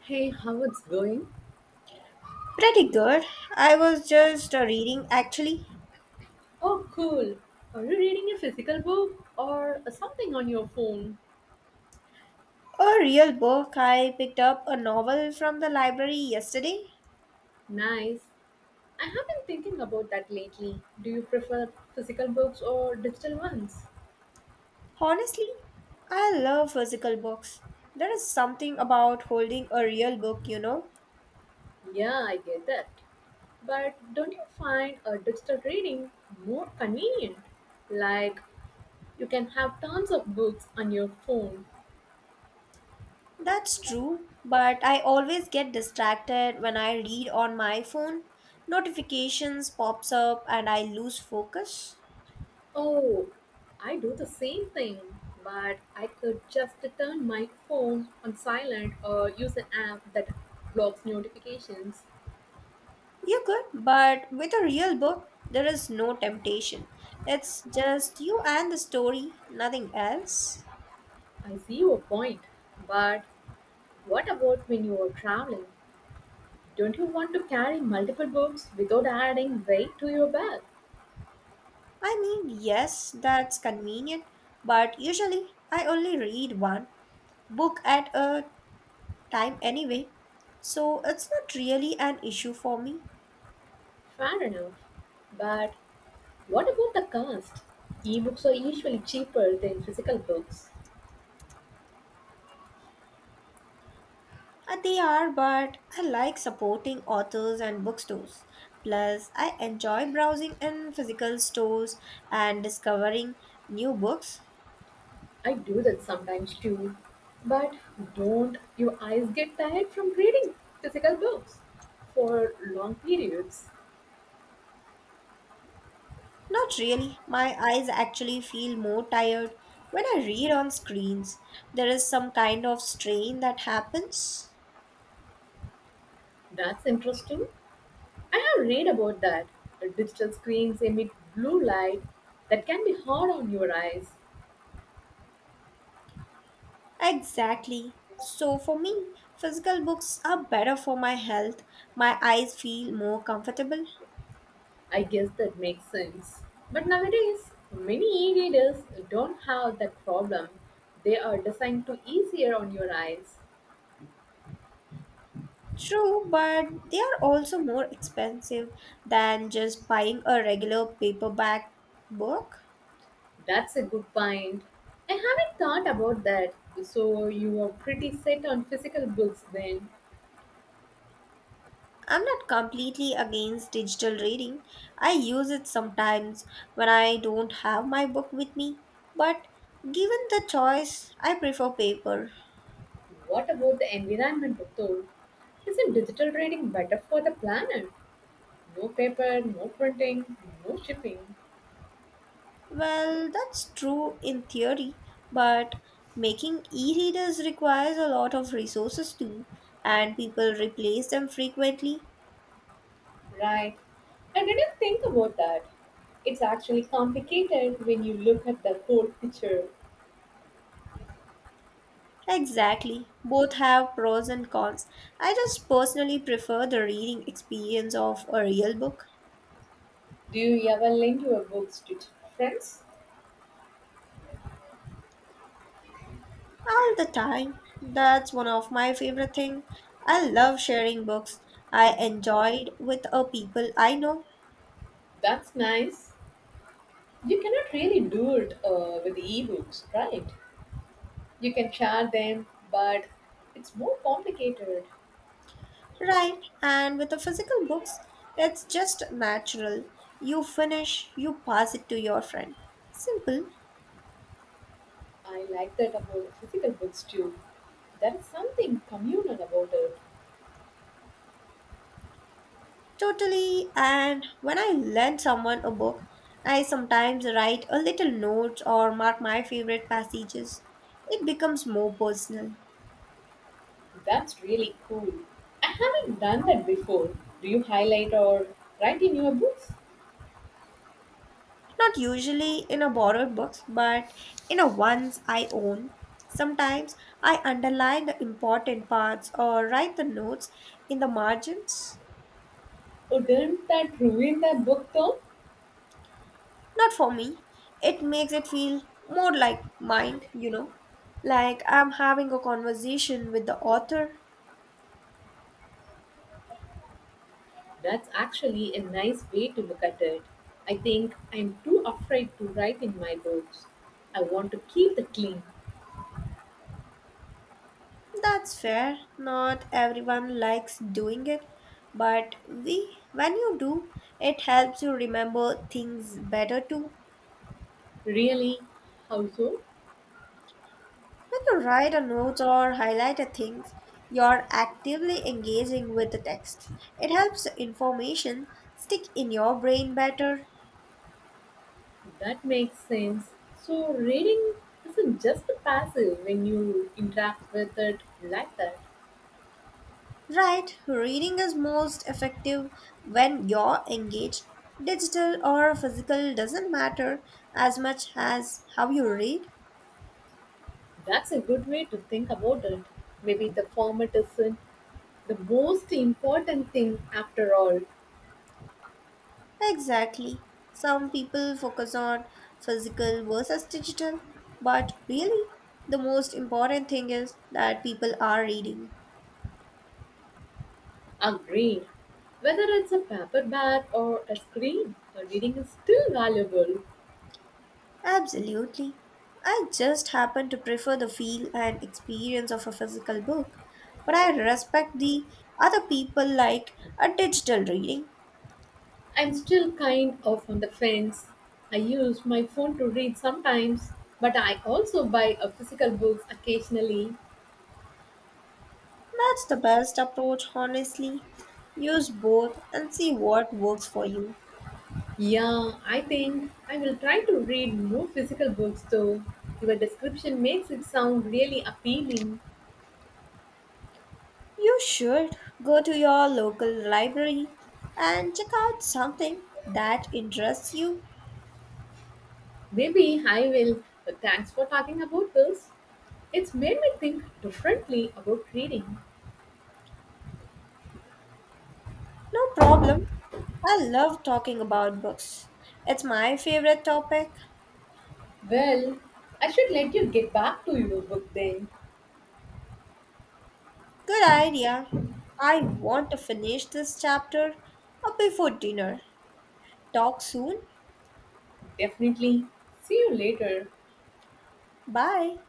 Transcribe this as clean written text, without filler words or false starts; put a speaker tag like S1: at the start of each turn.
S1: Hey, how it's going?
S2: Pretty good. I was just reading, actually.
S1: Oh, cool. Are you reading a physical book or something on your phone?
S2: A real book. I picked up a novel from the library yesterday.
S1: Nice. I have been thinking about that lately. Do you prefer physical books or digital ones?
S2: Honestly, I love physical books. There is something about holding a real book, you know.
S1: Yeah, I get that. But don't you find a digital reading more convenient? Like, you can have tons of books on your phone.
S2: That's true, but I always get distracted when I read on my phone. Notifications pops up and I lose focus.
S1: Oh, I do the same thing, but I could just turn my phone on silent or use an app that blocks notifications.
S2: You could, but with a real book, there is no temptation. It's just you and the story, nothing else.
S1: I see your point, but what about when you are traveling? Don't you want to carry multiple books without adding weight to your bag?
S2: I mean, yes, that's convenient, but usually I only read one book at a time anyway, so it's not really an issue for me.
S1: Fair enough. But what about the cost? Ebooks are usually cheaper than physical books.
S2: They are, but I like supporting authors and bookstores. Plus, I enjoy browsing in physical stores and discovering new books.
S1: I do that sometimes too. But don't your eyes get tired from reading physical books for long periods?
S2: Not really. My eyes actually feel more tired when I read on screens. There is some kind of strain that happens.
S1: That's interesting. I have read about that. The digital screens emit blue light that can be hard on your eyes.
S2: Exactly. So for me, physical books are better for my health. My eyes feel more comfortable.
S1: I guess that makes sense. But nowadays, many e readers don't have that problem. They are designed to easier on your eyes.
S2: True, but they are also more expensive than just buying a regular paperback book.
S1: That's a good point. I haven't thought about that. So you are pretty set on physical books then.
S2: I'm not completely against digital reading. I use it sometimes when I don't have my book with me. But given the choice, I prefer paper.
S1: What about the environment though? Isn't digital reading better for the planet? No paper, no printing, no shipping.
S2: Well, that's true in theory, but making e readers requires a lot of resources too, and people replace them frequently.
S1: Right. I didn't think about that. It's actually complicated when you look at the whole picture.
S2: Exactly. Both have pros and cons. I just personally prefer the reading experience of a real book.
S1: Do you ever lend your books to friends?
S2: All the time. That's one of my favorite things. I love sharing books. I enjoyed with a people I know,
S1: That's nice. You cannot really do it with ebooks, right? You can share them, but it's more complicated.
S2: right? And with the physical books, it's just natural. You finish, you pass it to your friend. Simple,
S1: I like that about physical books too. There is something communal about it.
S2: totally. And when I lend someone a book, I sometimes write a little note or mark my favorite passages. It becomes more personal.
S1: That's really cool. I haven't done that before. Do you highlight or write in your books?
S2: Not usually in a borrowed books, but in a ones I own. Sometimes I underline the important parts or write the notes in the margins.
S1: Or didn't that ruin the book though?
S2: Not for me. It makes it feel more like mine, you know. Like I'm having a conversation with the author.
S1: That's actually a nice way to look at it. I think I'm too afraid to write in my books. I want to keep the clean.
S2: That's fair. Not everyone likes doing it, but we when you do, it helps you remember things better too.
S1: Really? How so?
S2: When you write a note or highlight a thing, you're actively engaging with the text. It helps the information stick in your brain better.
S1: That makes sense. So, reading isn't just passive when you interact with it like that.
S2: Right, reading is most effective when you're engaged. Digital or physical doesn't matter as much as how you read.
S1: That's a good way to think about it. Maybe the format isn't the most important thing after all.
S2: Exactly. Some people focus on physical versus digital, but really, the most important thing is that people are reading.
S1: Agreed. Whether it's a paperback or a screen, the reading is still valuable.
S2: Absolutely. I just happen to prefer the feel and experience of a physical book, but I respect the other people like a digital reading.
S1: I'm still kind of on the fence. I use my phone to read sometimes, but I also buy a physical books occasionally.
S2: That's the best approach, honestly. Use both and see what works for you.
S1: Yeah, I think I will try to read more physical books though. Your description makes it sound really appealing.
S2: You should go to your local library and check out something that interests you.
S1: Maybe I will. But thanks for talking about this. It's made me think differently about reading.
S2: No problem. I love talking about books. It's my favorite topic.
S1: Well, I should let you get back to your book then.
S2: Good idea. I want to finish this chapter before dinner. Talk soon.
S1: Definitely. See you later.
S2: Bye.